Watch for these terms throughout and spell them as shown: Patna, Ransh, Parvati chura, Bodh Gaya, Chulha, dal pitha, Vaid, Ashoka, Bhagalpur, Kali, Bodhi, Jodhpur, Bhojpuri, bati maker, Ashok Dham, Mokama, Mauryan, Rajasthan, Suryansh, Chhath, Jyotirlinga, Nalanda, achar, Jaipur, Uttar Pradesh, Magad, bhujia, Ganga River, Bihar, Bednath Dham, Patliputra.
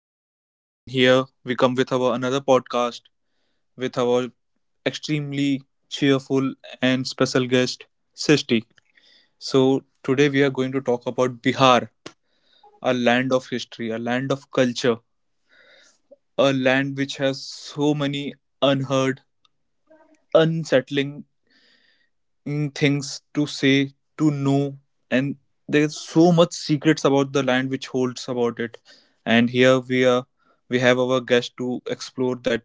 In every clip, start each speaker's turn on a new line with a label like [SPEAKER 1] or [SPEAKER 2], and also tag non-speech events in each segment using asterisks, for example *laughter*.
[SPEAKER 1] everyone, and here we come with our another podcast with our extremely cheerful and special guest, Sishti. So today we are going to talk about Bihar, a land of history, a land of culture, a land which has so many unheard, unsettling things to say, to know, and there's so much secrets about the land which holds about it. And here we are, we have our guest to explore that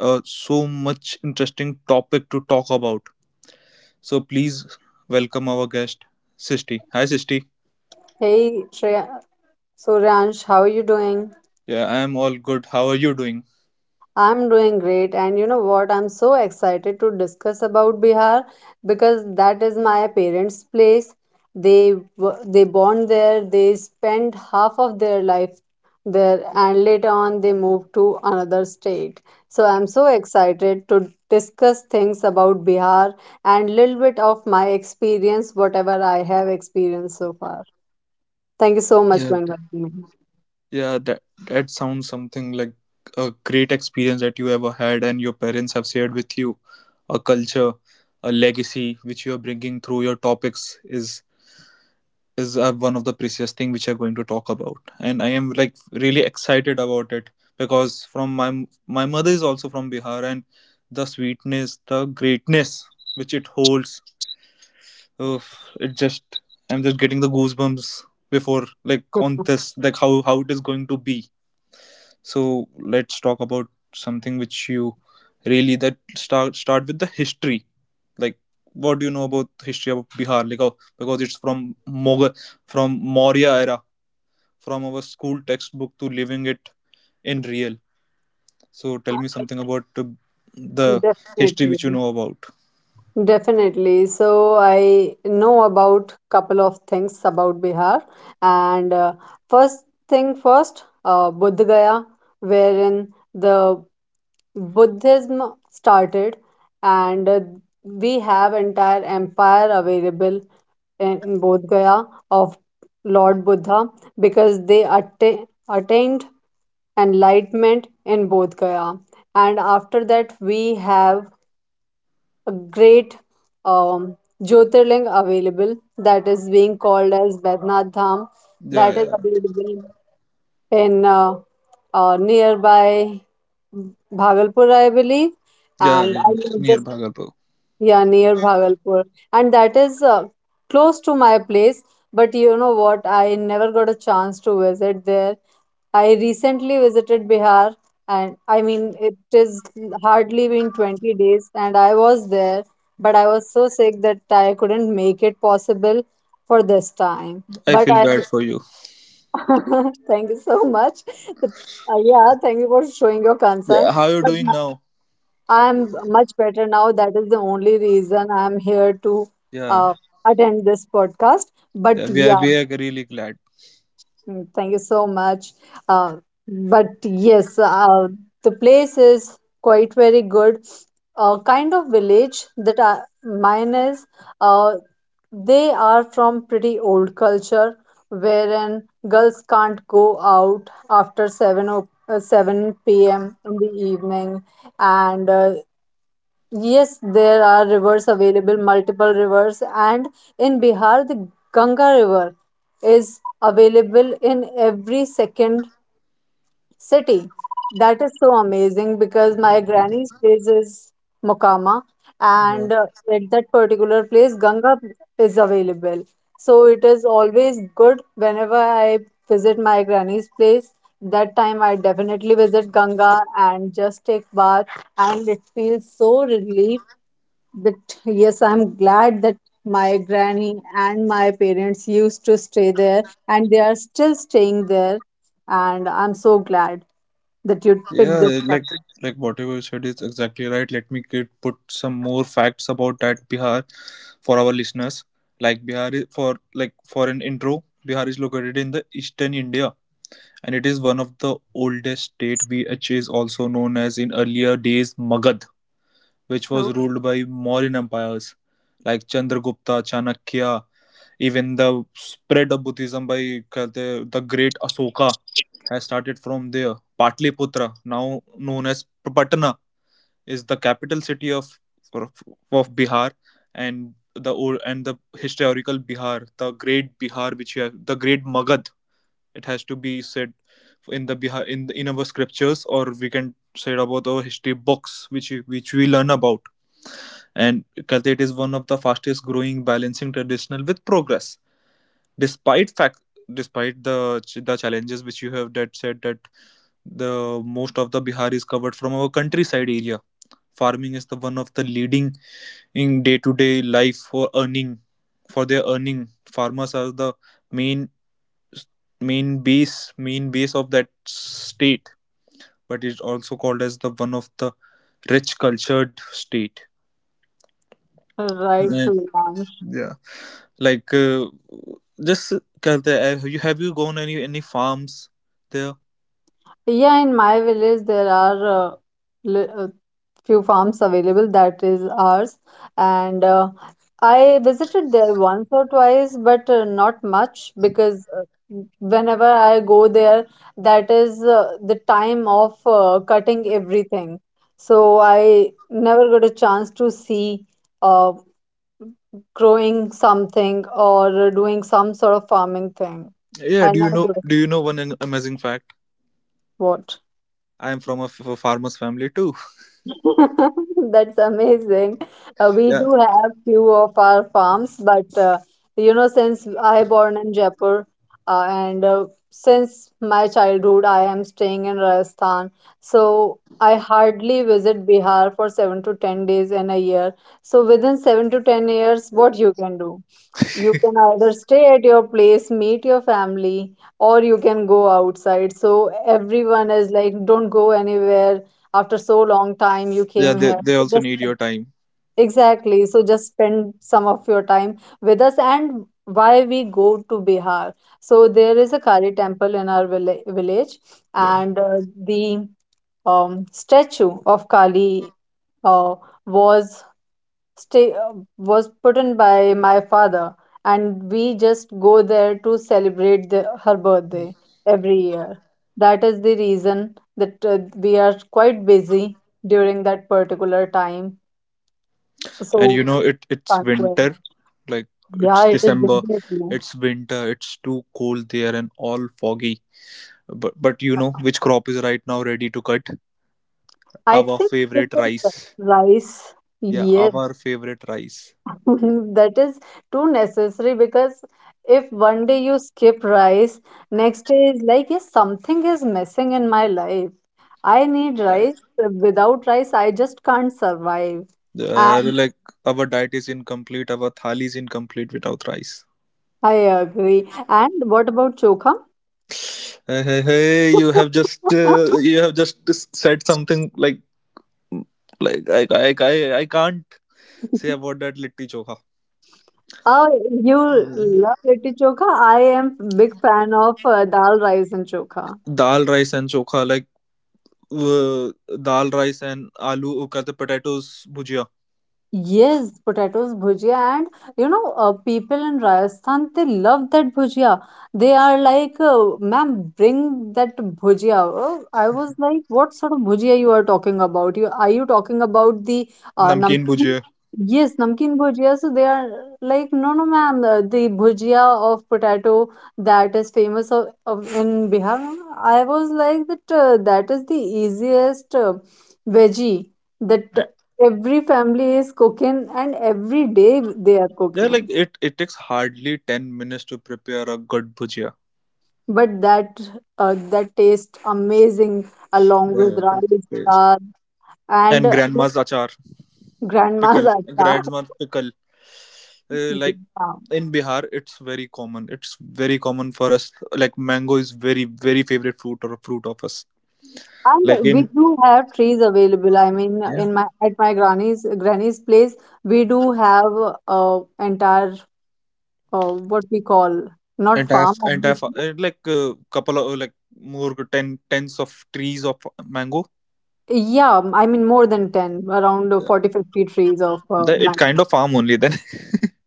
[SPEAKER 1] so much interesting topic to talk about. So please welcome our guest, Sisti. Hi, Sisti.
[SPEAKER 2] Hey Shreya, so Ransh, how are you doing?
[SPEAKER 1] Yeah, I am all good. How are you doing?
[SPEAKER 2] I'm doing great, and you know what? I'm so excited to discuss about Bihar because that is my parents' place. They born there, they spent half of their life there, and later on they moved to another state. So I'm so excited to discuss things about Bihar and little bit of my experience, whatever I have experienced so far. Thank you so
[SPEAKER 1] Yeah,
[SPEAKER 2] much for
[SPEAKER 1] th-
[SPEAKER 2] inviting
[SPEAKER 1] yeah. That sounds something like a great experience that you ever had, and your parents have shared with you. A culture, a legacy which you are bringing through your topics is one of the precious thing which I'm going to talk about, and I am like really excited about it because from my mother is also from Bihar, and the sweetness, the greatness which it holds, oh, it just I'm just getting the goosebumps before like on
[SPEAKER 2] me.
[SPEAKER 1] this like how it is going to be. So let's talk about something which you really that start with the history, like what do you know about the history of Bihar? Like oh, because it's from Mughal from Maurya era from our school textbook to living it in real. So tell me
[SPEAKER 2] *laughs*
[SPEAKER 1] something about the history which you
[SPEAKER 2] Definitely,
[SPEAKER 1] know about.
[SPEAKER 2] definitely. So I know about couple of things about Bihar, and first thing first, Bodh Gaya, wherein the Buddhism started, and we have entire empire available in Bodh Gaya of Lord Buddha because attained enlightenment in Bodh Gaya, and after that we have a great um, Jyotirling available that is being called as Bednath Dham
[SPEAKER 1] Yeah,
[SPEAKER 2] that is
[SPEAKER 1] yeah,
[SPEAKER 2] available in nearby Bhagalpur, I believe.
[SPEAKER 1] yeah.
[SPEAKER 2] And
[SPEAKER 1] re-
[SPEAKER 2] I will
[SPEAKER 1] Near
[SPEAKER 2] just
[SPEAKER 1] Bhagalpur.
[SPEAKER 2] yeah, near Bhagalpur. And that is close to my place. But you know what? I never got a chance to visit there. I recently visited Bihar, and I mean, it is hardly been 20 days, and I was there, but I was so sick that I couldn't make it possible for this time.
[SPEAKER 1] I
[SPEAKER 2] But
[SPEAKER 1] feel
[SPEAKER 2] I
[SPEAKER 1] bad for you.
[SPEAKER 2] *laughs* thank you so much. But yeah, thank you for showing your concern.
[SPEAKER 1] Yeah, how you
[SPEAKER 2] But
[SPEAKER 1] doing now?
[SPEAKER 2] I'm much better now. That is the only reason I'm here to
[SPEAKER 1] Yeah,
[SPEAKER 2] uh, attend this podcast. But
[SPEAKER 1] yeah. We are
[SPEAKER 2] yeah,
[SPEAKER 1] we are really glad.
[SPEAKER 2] mm, thank you so much. Uh, but yes, the place is quite very good. Kind of village that I, mine is. Uh, they are from pretty old culture, wherein girls can't go out after seven p.m. in the evening, and yes, there are rivers available, multiple rivers, and in Bihar, the Ganga River is available in every second city. That is so amazing because my granny's place is Mokama, and
[SPEAKER 1] Yeah,
[SPEAKER 2] at that particular place, Ganga is available. So it is always good whenever I visit my granny's place. That time, I definitely visit Ganga and just take bath, and it feels so relief but yes, I'm glad that my granny and my parents used to stay there and they are still staying there. And I'm so glad that you picked this
[SPEAKER 1] yeah like
[SPEAKER 2] topic.
[SPEAKER 1] like whatever you said is exactly right. Let me get, put some more facts about that Bihar for our listeners. Like Bihar is for like for an intro, Bihar is located in the eastern India and it is one of the oldest state which is also known as in earlier days Magad, which was
[SPEAKER 2] Oh,
[SPEAKER 1] ruled by Mauryan empires like Chandragupta, Chanakya, even the spread of Buddhism by कहते the great Ashoka has started from there. Patliputra, now known as Patna, is the capital city of of Bihar and the old and the historical Bihar, the great Bihar which you have the great Magad it has to be said in the Bihar in our scriptures, or we can say about our history books, which we learn about. And Kaltet is one of the fastest growing, balancing traditional with progress, despite fact despite the challenges which you have that said that the most of the Bihar is covered from our countryside area. Farming is the one of the leading in day to day life for earning for their earning. Farmers are the main main base main base of that state, but it's also called as the one of the rich cultured state.
[SPEAKER 2] right,
[SPEAKER 1] Yeah,
[SPEAKER 2] so yeah,
[SPEAKER 1] yeah. like just कहते हैं, have you gone any farms there?
[SPEAKER 2] yeah, in my village there are li- uh, few farms available that is ours and I visited there once or twice but not much because whenever I go there that is the time of cutting everything so I never got a chance to see uh, growing something or doing some sort of farming thing.
[SPEAKER 1] Yeah,
[SPEAKER 2] I
[SPEAKER 1] do you
[SPEAKER 2] never
[SPEAKER 1] know,
[SPEAKER 2] got a
[SPEAKER 1] do you know
[SPEAKER 2] chance.
[SPEAKER 1] one an- amazing fact?
[SPEAKER 2] What?
[SPEAKER 1] I am from a, f- a farmer's family too.
[SPEAKER 2] *laughs* That's amazing. We
[SPEAKER 1] Yeah,
[SPEAKER 2] do have few of our farms, but you know, since I born in Jaipur, and since my childhood, I am staying in Rajasthan. So I hardly visit Bihar for 7 to 10 days in a year. So within 7 to 10 years, what you can do? You can either stay at your place, meet your family, or you can go outside. So everyone is like, don't go anywhere. After so long time, you
[SPEAKER 1] yeah
[SPEAKER 2] came here.
[SPEAKER 1] they
[SPEAKER 2] So
[SPEAKER 1] also
[SPEAKER 2] just
[SPEAKER 1] need your time.
[SPEAKER 2] exactly. So just spend some of your time with us. And why we go to Bihar? So there is a Kali temple in our village,
[SPEAKER 1] Yeah,
[SPEAKER 2] and the statue of Kali uh, was was put in by my father and we just go there to celebrate the, her birthday every year. That is the reason that we are quite busy during that particular time
[SPEAKER 1] and you
[SPEAKER 2] so
[SPEAKER 1] know it it's
[SPEAKER 2] can't go in.
[SPEAKER 1] winter, like it's
[SPEAKER 2] Yeah, it is
[SPEAKER 1] December,
[SPEAKER 2] definitely.
[SPEAKER 1] it's winter, it's too cold there and all foggy, but you know which crop is right now ready to cut?
[SPEAKER 2] I
[SPEAKER 1] Our
[SPEAKER 2] think this
[SPEAKER 1] favorite
[SPEAKER 2] is
[SPEAKER 1] rice.
[SPEAKER 2] rice.
[SPEAKER 1] Yeah,
[SPEAKER 2] Yes.
[SPEAKER 1] our favorite rice.
[SPEAKER 2] *laughs* That is too necessary because if one day you skip rice, next day is like, yes, something is missing in my life. I need
[SPEAKER 1] Yeah.
[SPEAKER 2] rice. Without rice, I just can't survive.
[SPEAKER 1] uh,
[SPEAKER 2] And
[SPEAKER 1] like our diet is incomplete, our thali is incomplete without rice.
[SPEAKER 2] I agree. And what about chokha?
[SPEAKER 1] Hey, hey, hey,
[SPEAKER 2] *laughs*
[SPEAKER 1] you have just s- said something like I can't say about that litti chokha.
[SPEAKER 2] Oh, you
[SPEAKER 1] Yeah.
[SPEAKER 2] love litti chokha? I am big fan of dal rice and chokha.
[SPEAKER 1] Dal rice and chokha, like uh, dal rice and aloo karte potatoes bhujia.
[SPEAKER 2] Yes, potatoes bhujia, and you know, people in Rajasthan they love that bhujia. They are like, ma'am, bring that bhujia. Oh, I was like, what sort of bhujia you are talking about? You talking about the
[SPEAKER 1] Namkeen
[SPEAKER 2] namkeen?
[SPEAKER 1] bhujia.
[SPEAKER 2] Yes, namkeen bhujia. So they are like, no, no, ma'am, the bhujia of potato that is famous of in Bihar. I was like that. That is the easiest veggie that every family is cooking, and every day they are
[SPEAKER 1] Yeah, like
[SPEAKER 2] cooking.
[SPEAKER 1] it takes hardly 10 minutes to prepare a good bhujia.
[SPEAKER 2] But that that tastes amazing along
[SPEAKER 1] That
[SPEAKER 2] with rice,
[SPEAKER 1] taste.
[SPEAKER 2] dal,
[SPEAKER 1] And
[SPEAKER 2] and
[SPEAKER 1] grandma's
[SPEAKER 2] you know,
[SPEAKER 1] achar, pickle,
[SPEAKER 2] grandma's *laughs* achar.
[SPEAKER 1] grandma's pickle. Like
[SPEAKER 2] Yeah.
[SPEAKER 1] in Bihar, it's very common. It's very common for us. Like mango is very very favorite fruit or fruit of us. Like
[SPEAKER 2] And we
[SPEAKER 1] in
[SPEAKER 2] do have trees available. I mean,
[SPEAKER 1] yeah,
[SPEAKER 2] in my at my granny's place, we do have entire what we call not
[SPEAKER 1] entire
[SPEAKER 2] farm, obviously.
[SPEAKER 1] couple of like more ten tens of trees of mango.
[SPEAKER 2] Yeah, I mean more than 10, around
[SPEAKER 1] Yeah,
[SPEAKER 2] 40 50 trees of
[SPEAKER 1] the, it
[SPEAKER 2] mango.
[SPEAKER 1] kind of farm only then.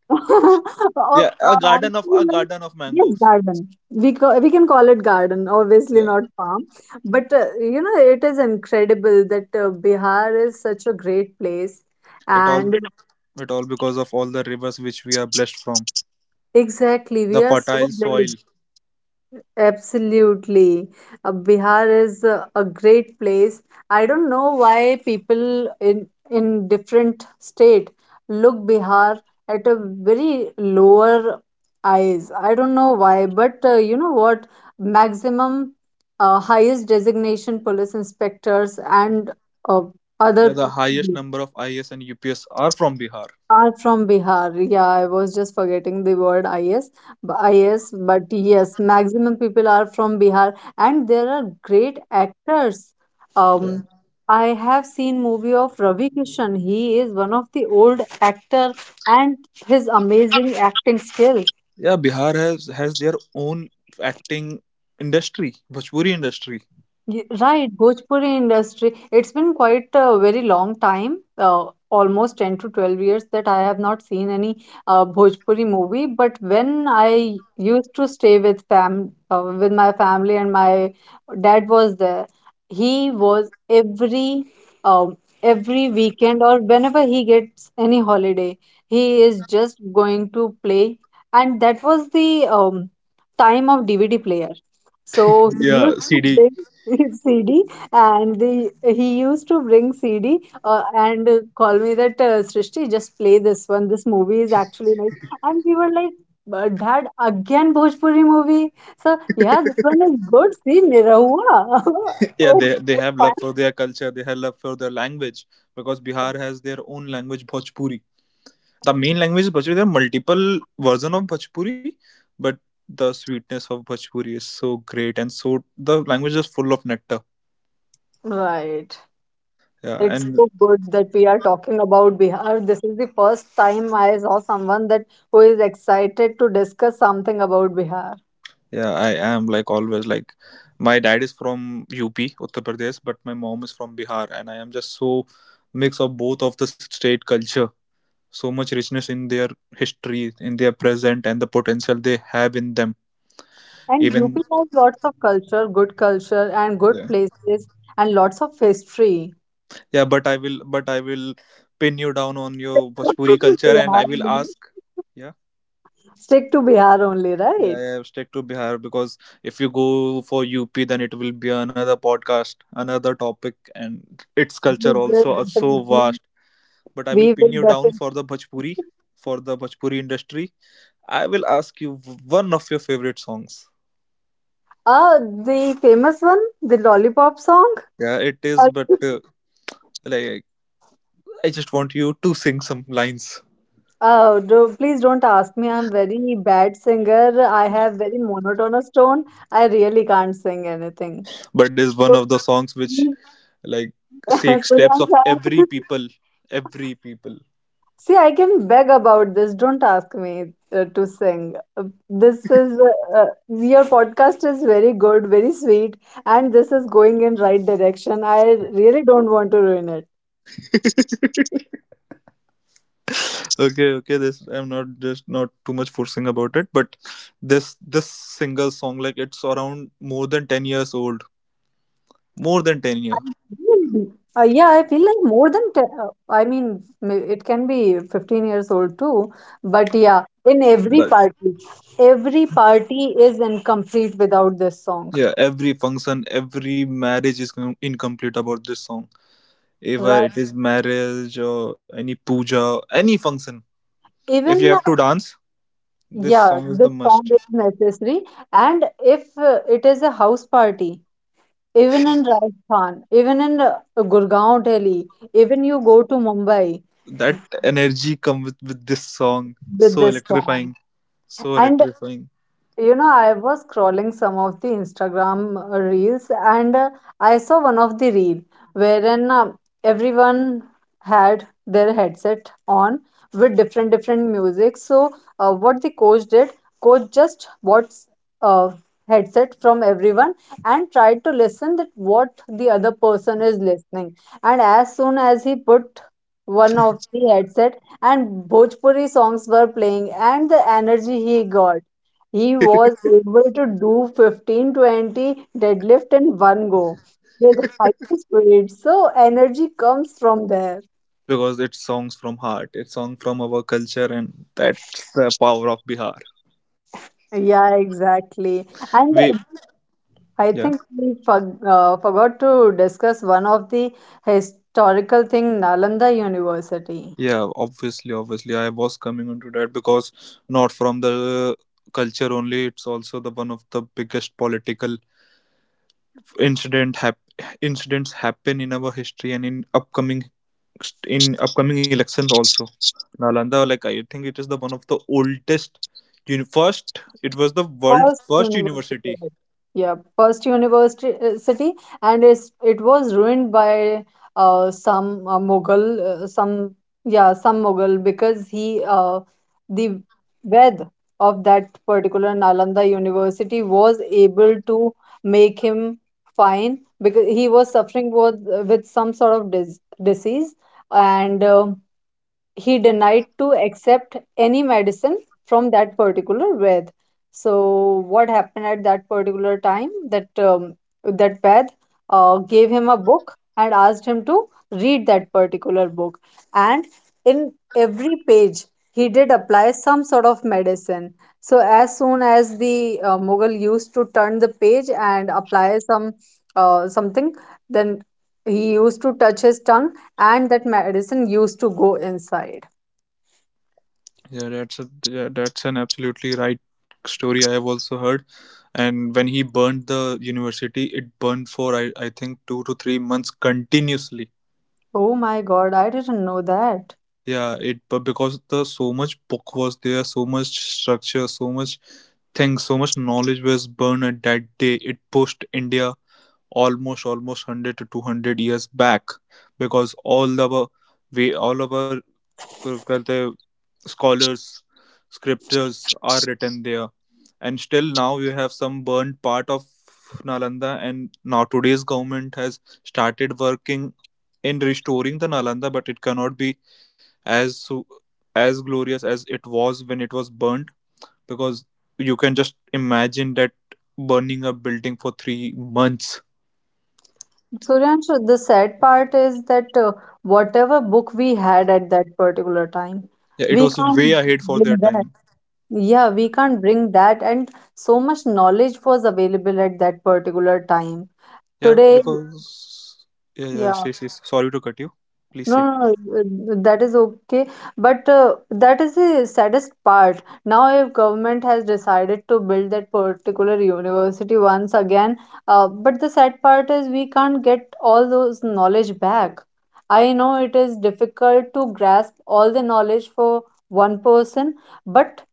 [SPEAKER 2] *laughs*
[SPEAKER 1] *laughs*
[SPEAKER 2] Oh,
[SPEAKER 1] Yeah,
[SPEAKER 2] I feel
[SPEAKER 1] a
[SPEAKER 2] like
[SPEAKER 1] garden of
[SPEAKER 2] yes,
[SPEAKER 1] mangoes.
[SPEAKER 2] garden. We can call it garden, obviously
[SPEAKER 1] Yeah,
[SPEAKER 2] not farm. But you know, it is incredible that Bihar is such a great place,
[SPEAKER 1] it all.
[SPEAKER 2] and
[SPEAKER 1] It all because of all the rivers which we are blessed from.
[SPEAKER 2] exactly,
[SPEAKER 1] The
[SPEAKER 2] we are so
[SPEAKER 1] fertile soil.
[SPEAKER 2] blessed. Absolutely. Bihar is a great place. I don't know why people in different state look Bihar at a very lower eyes. I don't know why, but you know what? Maximum highest designation police inspectors and uh, other
[SPEAKER 1] Yeah, the highest number of IS and UPS are from Bihar.
[SPEAKER 2] are from Bihar. Yeah, I was just forgetting the word IS. IS, but yes, maximum people are from Bihar, and there are great actors.
[SPEAKER 1] Yeah.
[SPEAKER 2] Um, I have seen movie of Ravi Kishan. He is one of the old actor, and his amazing acting skill.
[SPEAKER 1] Yeah, Bihar has their own acting industry, Bhojpuri industry.
[SPEAKER 2] Ye right, Bhojpuri industry. It's been quite a very long time, almost 10 to 12 years that I have not seen any Bhojpuri movie. But when I used to stay with fam with my family and my dad was there, he was um, every weekend or whenever he gets any holiday, he is just going to play. And that was the time of DVD player. So he
[SPEAKER 1] Yeah,
[SPEAKER 2] used to
[SPEAKER 1] CD.
[SPEAKER 2] bring *laughs* CD and the he used to bring CD and call me that Srishti just play this one this movie is actually nice and we were like "But dad again Bhojpuri movie so yeah this one is good see Nirahua." *laughs*
[SPEAKER 1] Yeah,
[SPEAKER 2] Oh,
[SPEAKER 1] they have love
[SPEAKER 2] fun,
[SPEAKER 1] for their culture. They have love for their language because Bihar has their own language, Bhojpuri. The main language is Bhojpuri. There are multiple version of Bhojpuri, but the sweetness of Bhojpuri is so great, and so the language is full of nectar.
[SPEAKER 2] right?
[SPEAKER 1] Yeah,
[SPEAKER 2] It's
[SPEAKER 1] and
[SPEAKER 2] so good that we are talking about Bihar. This is the first time I saw someone that who is excited to discuss something about Bihar.
[SPEAKER 1] yeah, I am like always like my dad is from UP, Uttar Pradesh, but my mom is from Bihar, and I am just so mix of both of the state culture. So much richness in their history, in their present, and the potential they have in them.
[SPEAKER 2] And
[SPEAKER 1] Even
[SPEAKER 2] UP has lots of culture, good culture, and good
[SPEAKER 1] yeah,
[SPEAKER 2] places, and lots of history.
[SPEAKER 1] yeah. But I will pin you down on your Bhojpuri culture, and I will ask. Yeah,
[SPEAKER 2] Stick to Bihar only,
[SPEAKER 1] yeah,
[SPEAKER 2] right?
[SPEAKER 1] yeah. Stick to Bihar because if you go for UP, then it will be another podcast, another topic, and its culture
[SPEAKER 2] We will
[SPEAKER 1] also are so
[SPEAKER 2] definitely.
[SPEAKER 1] vast, but I will
[SPEAKER 2] We
[SPEAKER 1] pin
[SPEAKER 2] will
[SPEAKER 1] you down
[SPEAKER 2] definitely.
[SPEAKER 1] for the Bhojpuri industry. I will ask you one of your favorite songs.
[SPEAKER 2] Uh, the famous one, the lollipop song.
[SPEAKER 1] Yeah, it is, but
[SPEAKER 2] *laughs*
[SPEAKER 1] like I just want you to sing some lines.
[SPEAKER 2] Oh, do, please don't ask me. I'm very bad singer. I have very monotonous tone. I really can't sing anything.
[SPEAKER 1] But it's one
[SPEAKER 2] So
[SPEAKER 1] of the songs which
[SPEAKER 2] please,
[SPEAKER 1] like
[SPEAKER 2] *laughs*
[SPEAKER 1] takes
[SPEAKER 2] Surya
[SPEAKER 1] steps of
[SPEAKER 2] sir,
[SPEAKER 1] every people, every people.
[SPEAKER 2] see, I can beg about this. Don't ask me to sing. This is your podcast is very good, very sweet, and this is going in right direction. I really don't want to ruin it.
[SPEAKER 1] Okay, okay. This I'm not just not too much forcing about it, but this single song like it's around more than 10 years old, more than ten
[SPEAKER 2] I
[SPEAKER 1] years.
[SPEAKER 2] feel- yeah, I feel like more than te I mean, it can be 15 years old too. But yeah, in
[SPEAKER 1] But
[SPEAKER 2] every party is incomplete without this song,
[SPEAKER 1] yeah, every function, every marriage is com- incomplete about this song. Either
[SPEAKER 2] right?
[SPEAKER 1] it is marriage or any puja, any function. If you
[SPEAKER 2] Even
[SPEAKER 1] have to dance, this
[SPEAKER 2] yeah,
[SPEAKER 1] song is the
[SPEAKER 2] this
[SPEAKER 1] must.
[SPEAKER 2] song is necessary. And if it is a house party, even in Rajasthan, even in Gurgaon, Delhi, even you go to Mumbai
[SPEAKER 1] That energy comes with this song.
[SPEAKER 2] with
[SPEAKER 1] So
[SPEAKER 2] this song.
[SPEAKER 1] electrifying. So
[SPEAKER 2] And
[SPEAKER 1] electrifying.
[SPEAKER 2] you know, I was scrolling some of the Instagram reels and I saw one of the reel wherein everyone had their headset on with different different music. So what the coach did, coach just bought uh, headset from everyone and tried to listen that what the other person is listening. And as soon as he put one of the headset and Bhojpuri songs were playing and the energy he got he
[SPEAKER 1] *laughs*
[SPEAKER 2] was able to do 15 20 deadlift in one go with high speed. So energy comes from there.
[SPEAKER 1] Because it's songs from heart. It's song from our culture and that's the power of Bihar.
[SPEAKER 2] Yeah, exactly. And
[SPEAKER 1] We
[SPEAKER 2] I
[SPEAKER 1] yeah.
[SPEAKER 2] think we forg forgot to discuss one of the historical thing, Nalanda University.
[SPEAKER 1] Yeah, obviously, obviously, I was coming onto that because not from the culture only, it's also the one of the biggest political incident hap- incidents happen in our history and in upcoming elections also. Nalanda, like I think it is the one of the oldest. Uni- first, it was the world
[SPEAKER 2] First
[SPEAKER 1] first
[SPEAKER 2] university,
[SPEAKER 1] university.
[SPEAKER 2] right. Yeah, first university city, and it's, it was ruined by some Mughal, some yeah, some Mughal because he the Ved of that particular Nalanda University was able to make him fine because he was suffering with some sort of disease and he denied to accept any medicine from that particular Vaid. So what happened at that particular time that that Vaid gave him a book and asked him to read that particular book, and in every page he did apply some sort of medicine. So as soon as the Mughal used to turn the page and apply some something, then he used to touch his tongue and that medicine used to go inside.
[SPEAKER 1] Yeah, that's a, yeah, that's an absolutely right story. I have also heard, and when he burned the university, it burned for I think 2 to 3 months continuously.
[SPEAKER 2] Oh my god, I didn't know that.
[SPEAKER 1] Yeah, it but because the so much book was there, so much structure, so much things, so much knowledge was burned at that day. It pushed India almost 100 to 200 years back because all our we all our well, the scholars scriptures are written there and still now you have some burned part of Nalanda and now today's government has started working in restoring the Nalanda, but it cannot be as su- as glorious as it was when it was burnt because you can just imagine that burning a building for 3 months.
[SPEAKER 2] Suryansh, the sad part is that whatever book we had at that particular time,
[SPEAKER 1] Yeah, it
[SPEAKER 2] we
[SPEAKER 1] was
[SPEAKER 2] can't
[SPEAKER 1] way ahead for their
[SPEAKER 2] bring that.
[SPEAKER 1] time.
[SPEAKER 2] Yeah, we can't bring that, and so much knowledge was available at that particular time.
[SPEAKER 1] Yeah,
[SPEAKER 2] Today,
[SPEAKER 1] because yeah, yeah,
[SPEAKER 2] yeah.
[SPEAKER 1] say sorry to cut you, please
[SPEAKER 2] No,
[SPEAKER 1] say.
[SPEAKER 2] no, no, that is okay. But that is the saddest part. Now, if government has decided to build that particular university once again, but the sad part is we can't get all those knowledge back. I know it is difficult to grasp all the knowledge for one person, but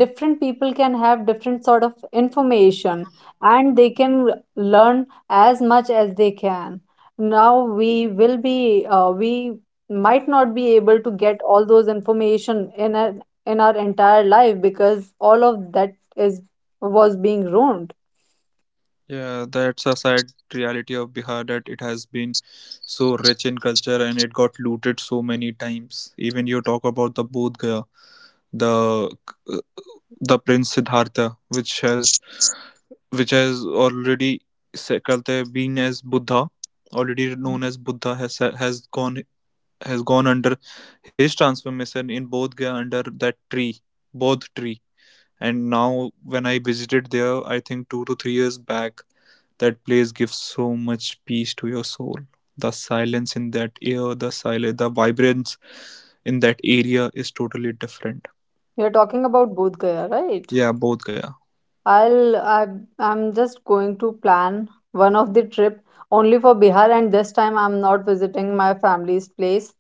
[SPEAKER 2] different people can have different sort of information and they can learn as much as they can. Now we will be we might not be able to get all those information in our entire life because all of that is was being ruined.
[SPEAKER 1] Yeah, that's a sad reality of Bihar that it has been so rich in culture and it got looted so many times. Even you talk about the Bodh Gaya, the uh, the Prince Siddhartha, which has already se- कहते हैं, been as Buddha, already known as Buddha, has gone has gone under his transformation in Bodh Gaya under that tree, Bodh tree. And now when I visited there, I think 2 to 3 years back. That place gives so much peace to your soul. The silence in that air, the silence, the vibrance in that area is totally different.
[SPEAKER 2] You're talking about Bodh Gaya, right?
[SPEAKER 1] Yeah, both Gaya.
[SPEAKER 2] I'll i I'm just going to plan one of the trip only for Bihar, and this time I'm not visiting my family's place.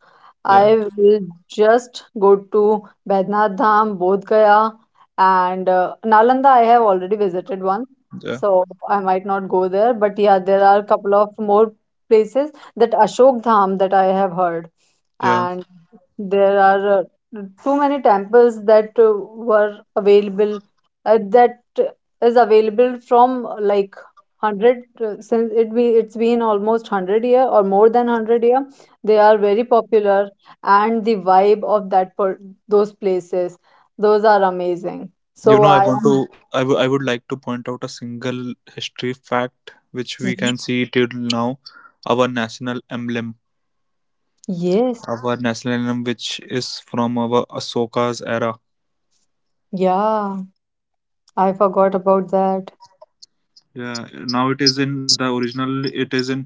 [SPEAKER 1] Yeah,
[SPEAKER 2] I will just go to Baidnath Dham, Bodh Gaya, and Nalanda I have already visited once.
[SPEAKER 1] yeah,
[SPEAKER 2] So I might not go there, but yeah, there are a couple of more places, that Ashok Dham that I have heard.
[SPEAKER 1] yeah.
[SPEAKER 2] And there are too many temples that were available, that is available from like 100, since it's been almost 100 year or more than 100 year. They are very popular, and the vibe of those places, those are amazing.
[SPEAKER 1] You
[SPEAKER 2] So
[SPEAKER 1] know, I
[SPEAKER 2] I
[SPEAKER 1] want
[SPEAKER 2] am
[SPEAKER 1] to. I would like to point out a single history fact which we can
[SPEAKER 2] Mhm.
[SPEAKER 1] see till now. Our national emblem,
[SPEAKER 2] Yes.
[SPEAKER 1] our national emblem, which is from our Ahsoka's era.
[SPEAKER 2] Yeah, I forgot about that.
[SPEAKER 1] Yeah, now it is in the original. It is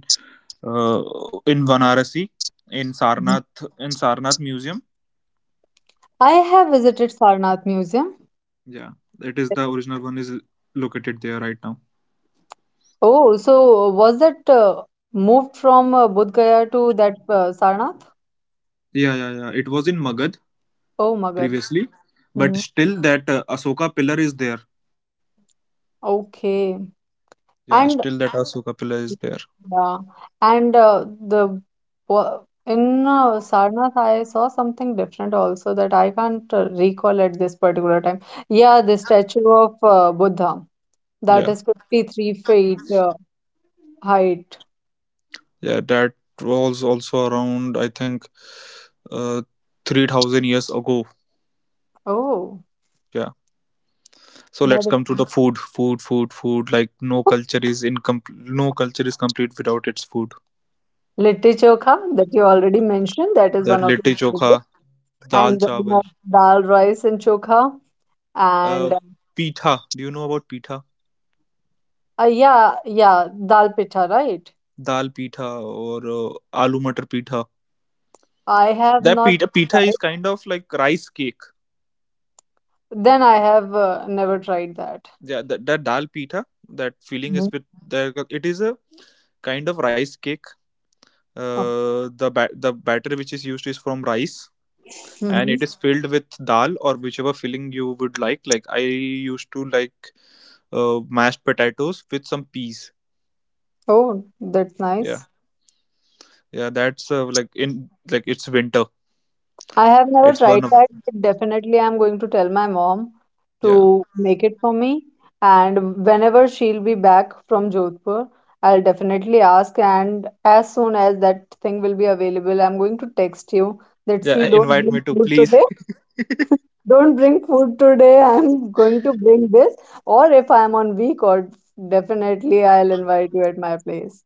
[SPEAKER 1] in Varanasi
[SPEAKER 2] Mhm.
[SPEAKER 1] In Sarnath Museum.
[SPEAKER 2] I have visited Sarnath Museum.
[SPEAKER 1] Yeah, that is the original one is located there right now.
[SPEAKER 2] Oh, so was that moved from Bodh Gaya to that Sarnath?
[SPEAKER 1] Yeah. It was in Magad
[SPEAKER 2] Oh, Magad.
[SPEAKER 1] previously, but
[SPEAKER 2] Mhm.
[SPEAKER 1] still that Asoka pillar is there.
[SPEAKER 2] Okay.
[SPEAKER 1] Yeah,
[SPEAKER 2] And
[SPEAKER 1] still that Asoka pillar is there.
[SPEAKER 2] yeah, and in Sarnath, I saw something different also that I can't recall at this particular time. Yeah, the statue of Buddha that
[SPEAKER 1] Yeah,
[SPEAKER 2] is 53 feet height.
[SPEAKER 1] yeah. That was also around I think uh, 3,000 years ago.
[SPEAKER 2] Oh,
[SPEAKER 1] Yeah. So
[SPEAKER 2] that
[SPEAKER 1] let's
[SPEAKER 2] is
[SPEAKER 1] come to the food, food, food, food. Like no
[SPEAKER 2] *laughs*
[SPEAKER 1] culture is incomplete. No culture is complete without its food.
[SPEAKER 2] Litti Chokha that you already mentioned, that is
[SPEAKER 1] That
[SPEAKER 2] one of
[SPEAKER 1] litti
[SPEAKER 2] your
[SPEAKER 1] chokha,
[SPEAKER 2] favorite.
[SPEAKER 1] dal
[SPEAKER 2] And
[SPEAKER 1] chawal,
[SPEAKER 2] then dal rice and chokha.
[SPEAKER 1] uh,
[SPEAKER 2] And
[SPEAKER 1] pitha. Do you know about pitha?
[SPEAKER 2] yeah, yeah, dal pitha, right?
[SPEAKER 1] Dal pitha or aloo matar pitha.
[SPEAKER 2] I have
[SPEAKER 1] That
[SPEAKER 2] not
[SPEAKER 1] pitha, pitha
[SPEAKER 2] tried.
[SPEAKER 1] is kind of like rice cake.
[SPEAKER 2] Then I have never tried that.
[SPEAKER 1] Yeah, that, that dal pitha, that filling is
[SPEAKER 2] Mhm.
[SPEAKER 1] with the, it is a kind of rice cake.
[SPEAKER 2] Okay.
[SPEAKER 1] The batter which is used is from rice, and
[SPEAKER 2] Hmm.
[SPEAKER 1] it is filled with dal or whichever filling you would like. Like, I used to like mashed potatoes with some peas.
[SPEAKER 2] Oh, that's
[SPEAKER 1] Yeah,
[SPEAKER 2] nice.
[SPEAKER 1] yeah, that's like in like it's winter.
[SPEAKER 2] I have
[SPEAKER 1] It's
[SPEAKER 2] never
[SPEAKER 1] one of
[SPEAKER 2] tried that, but definitely I'm going to tell my mom
[SPEAKER 1] yeah.
[SPEAKER 2] to make it for me. And whenever she'll be back from Jodhpur, I'll definitely ask. And as soon as that thing will be available, I'm going to text you that,
[SPEAKER 1] Yeah,
[SPEAKER 2] see, don't
[SPEAKER 1] invite me
[SPEAKER 2] bring
[SPEAKER 1] to,
[SPEAKER 2] food
[SPEAKER 1] please.
[SPEAKER 2] today.
[SPEAKER 1] *laughs*
[SPEAKER 2] Don't bring food today. I'm going to bring this. Or if I'm on week, or definitely I'll invite you at my place.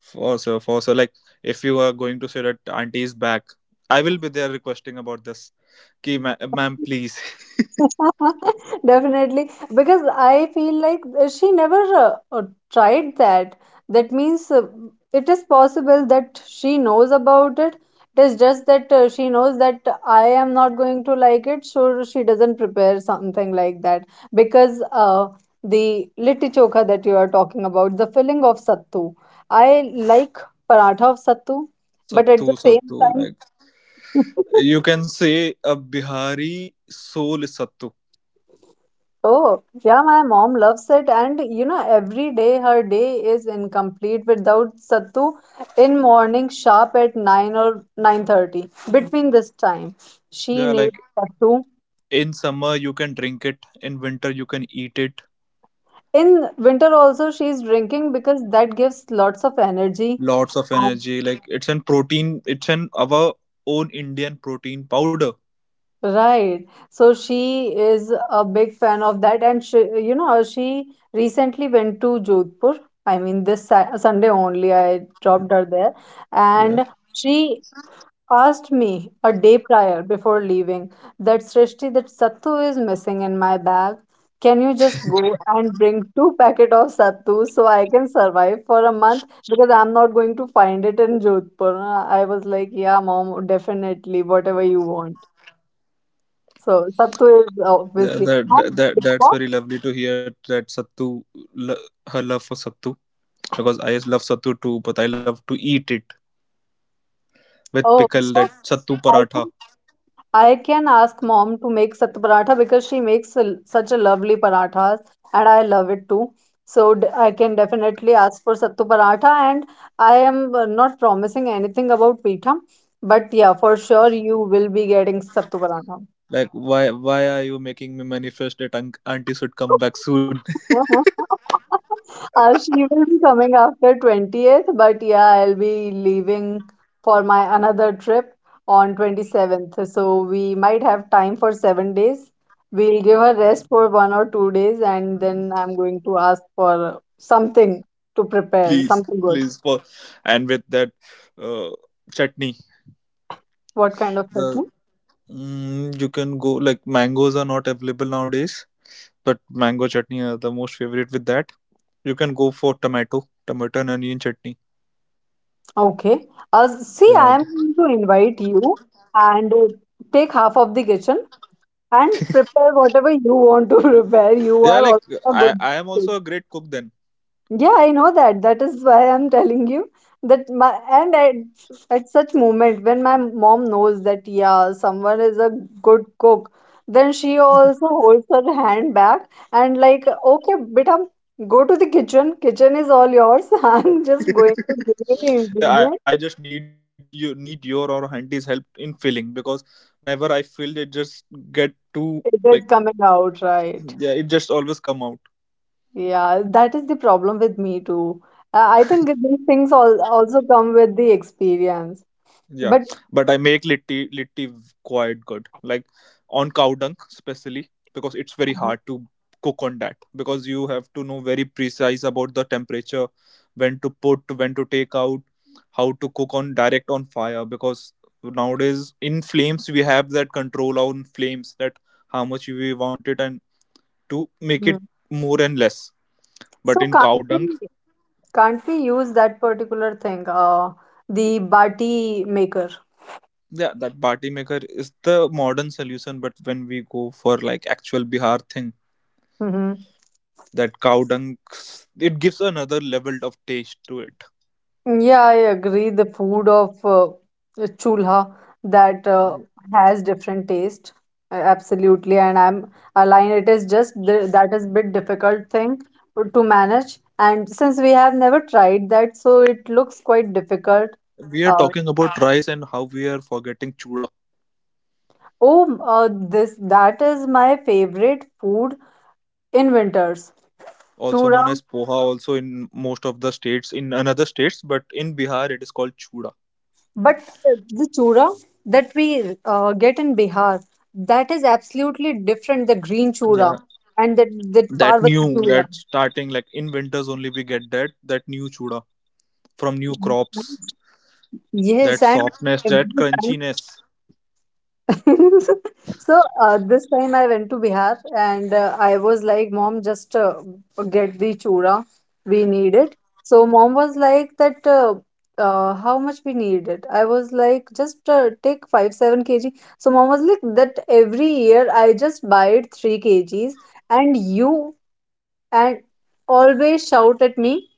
[SPEAKER 1] For sure, for sure. Like, if you are going to say that auntie is back, I will be there requesting about this. Ki ma- ma'am, please.
[SPEAKER 2] *laughs* Definitely, because I feel like she never tried that. That means it is possible that she knows about it. It is just that she knows that I am not going to like it, so she doesn't prepare something like that. Because the litti chokha that you are talking about, the filling of sattu, I like paratha of sattu,
[SPEAKER 1] *laughs*
[SPEAKER 2] but
[SPEAKER 1] Sattu,
[SPEAKER 2] at the same
[SPEAKER 1] sattu. Like,
[SPEAKER 2] time, *laughs*
[SPEAKER 1] you can say a Bihari soul is sattu.
[SPEAKER 2] Oh, yeah, my mom loves it. And you know, every day her day is incomplete without Sattu in morning sharp at 9 or 9:30. Between this time, she
[SPEAKER 1] Yeah, like
[SPEAKER 2] needs Sattu.
[SPEAKER 1] in summer you can drink it, in winter you can eat it.
[SPEAKER 2] In winter also she's drinking because that gives lots of energy.
[SPEAKER 1] Lots of
[SPEAKER 2] And-
[SPEAKER 1] energy. Like, it's an protein. It's an our own Indian protein powder.
[SPEAKER 2] right. So she is a big fan of that. And she, you know, she recently went to Jodhpur. I mean, this Sunday only I dropped her there.
[SPEAKER 1] Yeah.
[SPEAKER 2] And she asked me a day prior before leaving that, Srishti, that sattu is missing in my bag. Can you just go and bring two packet of sattu so I can survive for a month because I'm not going to find it in Jodhpur. I was like, yeah, mom, definitely, whatever you want. So sattu is
[SPEAKER 1] Yeah,
[SPEAKER 2] obviously.
[SPEAKER 1] that,
[SPEAKER 2] And
[SPEAKER 1] that that that's very lovely to hear that sattu lo- her love for sattu, because I love sattu too, but I love to eat it with
[SPEAKER 2] oh,
[SPEAKER 1] pickle, that
[SPEAKER 2] so
[SPEAKER 1] sattu
[SPEAKER 2] I
[SPEAKER 1] paratha.
[SPEAKER 2] can, I can ask mom to make sattu paratha because she makes a, such a lovely parathas, and I love it too. So I can definitely ask for sattu paratha, and I am not promising anything about pita, but yeah, for sure you will be getting sattu paratha.
[SPEAKER 1] Like, why are you making me manifest that un- auntie should come back soon? *laughs*
[SPEAKER 2] *laughs* She will be coming after 20th, but yeah, I'll be leaving for my another trip on 27th. So we might have time for 7 days. We'll give her rest for 1 or 2 days, and then I'm going to ask for something to prepare,
[SPEAKER 1] Please,
[SPEAKER 2] something good.
[SPEAKER 1] please for and with that uh, chutney.
[SPEAKER 2] What kind of
[SPEAKER 1] The
[SPEAKER 2] chutney?
[SPEAKER 1] mm, you can go like mangoes are not available nowadays, but mango chutney are the most favorite with that. You can go for tomato, tomato and onion chutney.
[SPEAKER 2] Okay. See,
[SPEAKER 1] Yeah.
[SPEAKER 2] I am going to invite you and take half of the kitchen and prepare whatever you want to *laughs* prepare. You
[SPEAKER 1] Yeah,
[SPEAKER 2] are
[SPEAKER 1] like
[SPEAKER 2] also a good
[SPEAKER 1] I am
[SPEAKER 2] cook.
[SPEAKER 1] also a great cook then.
[SPEAKER 2] Yeah, I know that. That is why I'm telling you that my and at such moment when my mom knows that yeah, someone is a good cook, then she also holds her hand back and like, okay, beta, go to the kitchen. Kitchen is all yours. *laughs* I'm just going to give
[SPEAKER 1] *laughs*
[SPEAKER 2] you the
[SPEAKER 1] Yeah,
[SPEAKER 2] ingredient.
[SPEAKER 1] I just need you need your or auntie's help in filling, because whenever I fill it just get too
[SPEAKER 2] It is
[SPEAKER 1] like
[SPEAKER 2] coming out right.
[SPEAKER 1] yeah, it just always come out.
[SPEAKER 2] Yeah, that is the problem with me too. I think that these things all also come with the experience.
[SPEAKER 1] Yeah,
[SPEAKER 2] But
[SPEAKER 1] but I make litti quite good. Like on cow dung especially, because it's very hard to cook on that, because you have to know very precise about the temperature, when to put, when to take out, how to cook on direct on fire, because nowadays in flames we have that control on flames that how much we want it and to make it
[SPEAKER 2] Mhm.
[SPEAKER 1] more and less.
[SPEAKER 2] so
[SPEAKER 1] But in
[SPEAKER 2] can't
[SPEAKER 1] cow
[SPEAKER 2] we
[SPEAKER 1] dung,
[SPEAKER 2] can't we use that particular thing, the bati maker?
[SPEAKER 1] yeah, that party maker is the modern solution. But when we go for like actual Bihar thing,
[SPEAKER 2] Mm-hmm.
[SPEAKER 1] that cow dung, it gives another level of taste to it.
[SPEAKER 2] Yeah, I agree. The food of Chulha that has different taste, absolutely. And I'm aligned. It is just that is bit difficult thing to manage. And since we have never tried that, so it looks quite difficult.
[SPEAKER 1] We are
[SPEAKER 2] Uh,
[SPEAKER 1] talking about rice and how we are forgetting chuda,
[SPEAKER 2] oh, this that is my favorite food in winters.
[SPEAKER 1] also
[SPEAKER 2] Chura.
[SPEAKER 1] known as poha also in most of the states in another states, but in Bihar it is called chuda.
[SPEAKER 2] But the chura that we get in Bihar, that is absolutely different. The green chura
[SPEAKER 1] Yeah,
[SPEAKER 2] and that that
[SPEAKER 1] that
[SPEAKER 2] Parvati
[SPEAKER 1] new,
[SPEAKER 2] chura.
[SPEAKER 1] that starting like in winters only we get that that new chuda from new crops,
[SPEAKER 2] Yes,
[SPEAKER 1] that
[SPEAKER 2] and
[SPEAKER 1] softness,
[SPEAKER 2] every
[SPEAKER 1] that
[SPEAKER 2] time
[SPEAKER 1] crunchiness.
[SPEAKER 2] *laughs* So this time I went to Bihar, and I was like, Mom, just get the chura. We need it. So mom was like that, how much we need it? I was like, just take 5, 7 kg. So mom was like that every year I just buy it 3 kgs, and you, and always shout at me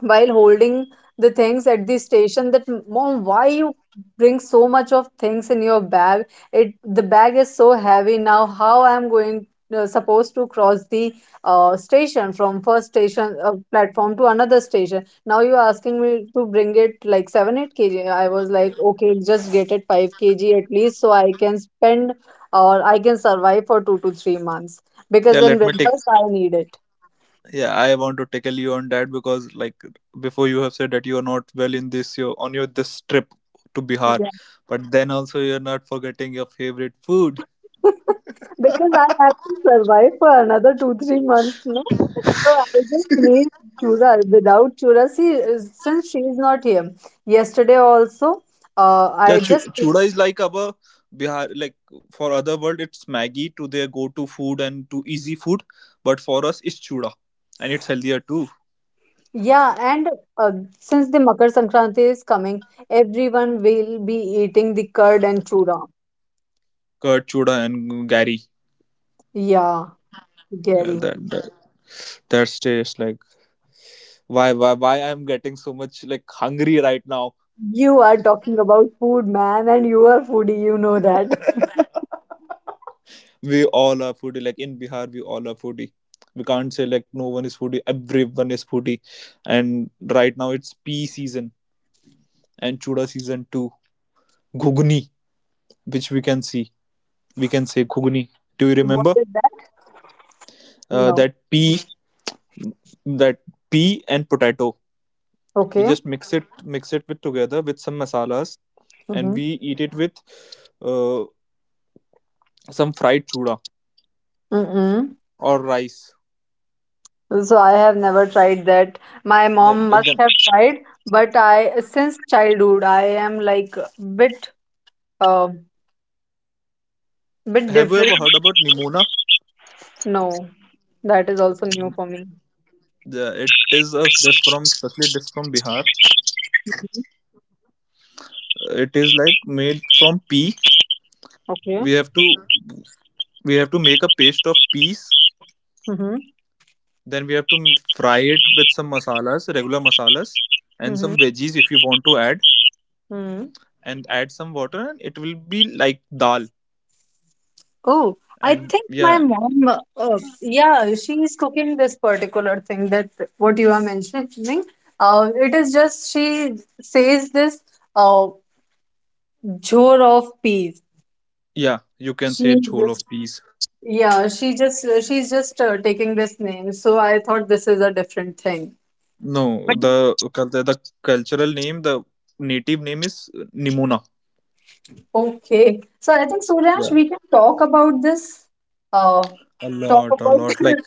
[SPEAKER 2] while holding the things at the station that, mom, why you bring so much of things in your bag, it, the bag is so heavy, now how I'm going, supposed to cross the station from first station platform to another station. Now you're asking me to bring it like 7, 8 kg. I was like, okay, just get it 5 kg at least, so I can spend or I can survive for 2 to 3 months because
[SPEAKER 1] Yeah,
[SPEAKER 2] in
[SPEAKER 1] let me take
[SPEAKER 2] winters I need it.
[SPEAKER 1] yeah, I want to tackle you on that, because like before you have said that you are not well in this your on your this trip to Bihar, but then also you're not forgetting your favorite food.
[SPEAKER 2] *laughs* Because I have to survive for another two, 3 months, no? So I just need chura. Without chura, see, since she is not here, yesterday also,
[SPEAKER 1] Yeah,
[SPEAKER 2] I
[SPEAKER 1] chu-
[SPEAKER 2] just,
[SPEAKER 1] chuda is like our Bihar, like for other world it's Maggie to their go-to food and to easy food, but for us it's chuda, and it's healthier too.
[SPEAKER 2] yeah, and uh, since the Makar Sankranti is coming, everyone will be eating the curd and chura.
[SPEAKER 1] Curd chuda and gari.
[SPEAKER 2] Yeah, Gary,
[SPEAKER 1] That that's tastes like why I'm getting so much like hungry right now.
[SPEAKER 2] you are talking about food, man, and you are foodie, you know that. *laughs*
[SPEAKER 1] *laughs* We all are foodie. Like in Bihar, we all are foodie. We can't say like no one is foodie. Everyone is foodie. And right now it's pea season and chuda season too. Ghugni, which we can see, we can say ghugni. Do you
[SPEAKER 2] What
[SPEAKER 1] remember
[SPEAKER 2] is that?
[SPEAKER 1] uh,
[SPEAKER 2] No.
[SPEAKER 1] that pea, that pea and potato? We
[SPEAKER 2] Okay.
[SPEAKER 1] just mix it with together with some masalas, and
[SPEAKER 2] Mm-hmm.
[SPEAKER 1] we eat it with uh, some fried chuda
[SPEAKER 2] Mm-mm.
[SPEAKER 1] or rice.
[SPEAKER 2] So I have never tried that. My
[SPEAKER 1] That,
[SPEAKER 2] mom must
[SPEAKER 1] that,
[SPEAKER 2] have tried, but I, since childhood I am like a bit uh, bit
[SPEAKER 1] have you
[SPEAKER 2] different.
[SPEAKER 1] ever heard about nimona?
[SPEAKER 2] No, that is also new for me.
[SPEAKER 1] The it is a dress from especially this from Bihar.
[SPEAKER 2] Mhm.
[SPEAKER 1] It is like made from pea. We
[SPEAKER 2] Okay.
[SPEAKER 1] have to we have to make a paste of peas.
[SPEAKER 2] Mm-hmm.
[SPEAKER 1] Then we have to fry it with some masalas, regular masalas, and
[SPEAKER 2] Mm-hmm.
[SPEAKER 1] some veggies if you want to add,
[SPEAKER 2] Mm-hmm.
[SPEAKER 1] and add some water, and it will be like dal.
[SPEAKER 2] Oh, I
[SPEAKER 1] And
[SPEAKER 2] think my
[SPEAKER 1] yeah,
[SPEAKER 2] mom, yeah, she is cooking this particular thing that what you are mentioning. It is just she says this uh, jhor of peas.
[SPEAKER 1] yeah, you can say jhol of peas.
[SPEAKER 2] Yeah, she just she's just taking this name. So I thought this is a different thing.
[SPEAKER 1] No, the cultural name, the native name is nimona.
[SPEAKER 2] Okay. So I think, Suryash,
[SPEAKER 1] Yeah,
[SPEAKER 2] we can talk about this. Uh,
[SPEAKER 1] a
[SPEAKER 2] talk
[SPEAKER 1] lot, a lot. Like,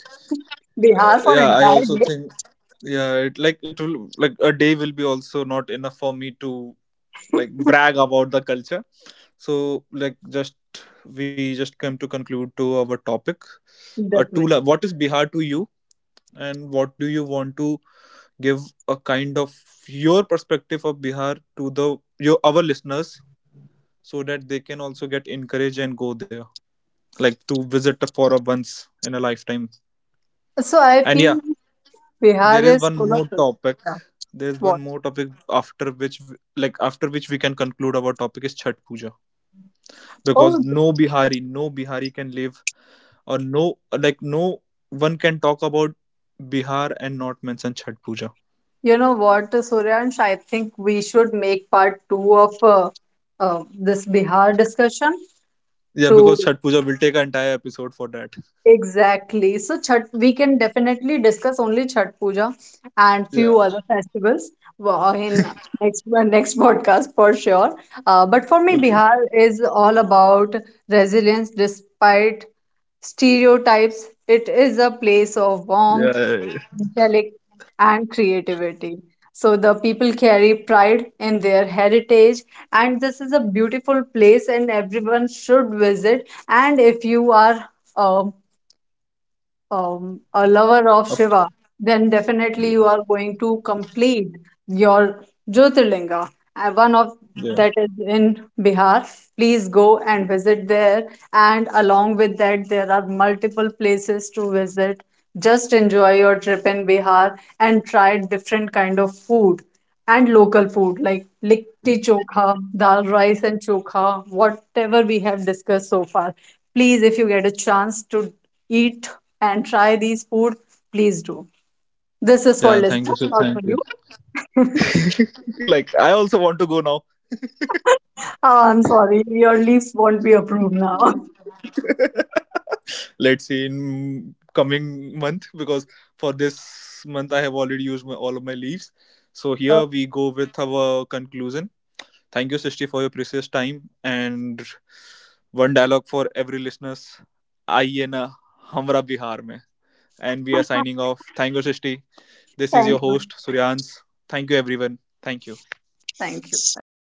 [SPEAKER 2] Bihar for
[SPEAKER 1] yeah, I also think yeah it like it will like a day will be also not enough for me to like brag about the culture, so like just we just come to conclude to our topic to
[SPEAKER 2] definitely.
[SPEAKER 1] la- what is Bihar to you and what do you want to give a kind of your perspective of Bihar to the your our listeners, so that they can also get encouraged and go there, like to visit for a once in a lifetime.
[SPEAKER 2] So I
[SPEAKER 1] And
[SPEAKER 2] feel
[SPEAKER 1] yeah,
[SPEAKER 2] like Bihar
[SPEAKER 1] there is
[SPEAKER 2] is
[SPEAKER 1] one
[SPEAKER 2] full of
[SPEAKER 1] more
[SPEAKER 2] culture.
[SPEAKER 1] topic
[SPEAKER 2] Yeah.
[SPEAKER 1] there is
[SPEAKER 2] What?
[SPEAKER 1] one more topic after which like after which we can conclude our topic is Chhat Puja, because
[SPEAKER 2] Oh,
[SPEAKER 1] no bihari can live or no like no one can talk about Bihar and not mention Chhat Puja.
[SPEAKER 2] you know what, Suryansh? I think we should make part two of this Bihar discussion
[SPEAKER 1] Yeah,
[SPEAKER 2] to
[SPEAKER 1] because Chhat Puja will take an entire episode for that.
[SPEAKER 2] exactly. So Chhat, we can definitely discuss only Chhat Puja and
[SPEAKER 1] Yeah,
[SPEAKER 2] few other festivals in next next *laughs* podcast for sure. But for me,
[SPEAKER 1] okay.
[SPEAKER 2] Bihar is all about resilience despite stereotypes. It is a place of
[SPEAKER 1] Yeah,
[SPEAKER 2] warmth,
[SPEAKER 1] yeah, yeah,
[SPEAKER 2] intellect, and creativity. So the people carry pride in their heritage, and this is a beautiful place, and everyone should visit. And if you are um a lover of Shiva,
[SPEAKER 1] Up-
[SPEAKER 2] then definitely you are going to complete your Jyotirlinga. And one of
[SPEAKER 1] yeah.
[SPEAKER 2] that is in Bihar. Please go and visit there. And along with that, there are multiple places to visit. Just enjoy your trip in Bihar and try different kind of food and local food like litti chokha, dal rice and chokha, whatever we have discussed so far. Please, if you get a chance to eat and try these food, please do. This is for
[SPEAKER 1] Yeah, thank you sir,
[SPEAKER 2] listeners, not
[SPEAKER 1] thank
[SPEAKER 2] for
[SPEAKER 1] you.
[SPEAKER 2] you.
[SPEAKER 1] *laughs* Like, I also want to go now.
[SPEAKER 2] I'm sorry, your leaves won't be approved now. *laughs*
[SPEAKER 1] Let's say in coming month, because for this month I have already used my, all of my leaves. So
[SPEAKER 2] Uh,
[SPEAKER 1] here we go with our conclusion. Thank you, Sishti, for your precious time and one dialogue for every listeners. आइए ना Hamra Bihar में, and we are signing off. Thank you, Sishti. This is your
[SPEAKER 2] thank you.
[SPEAKER 1] host, Suryansh. Thank you, everyone. Thank you.
[SPEAKER 2] Thank you. Bye.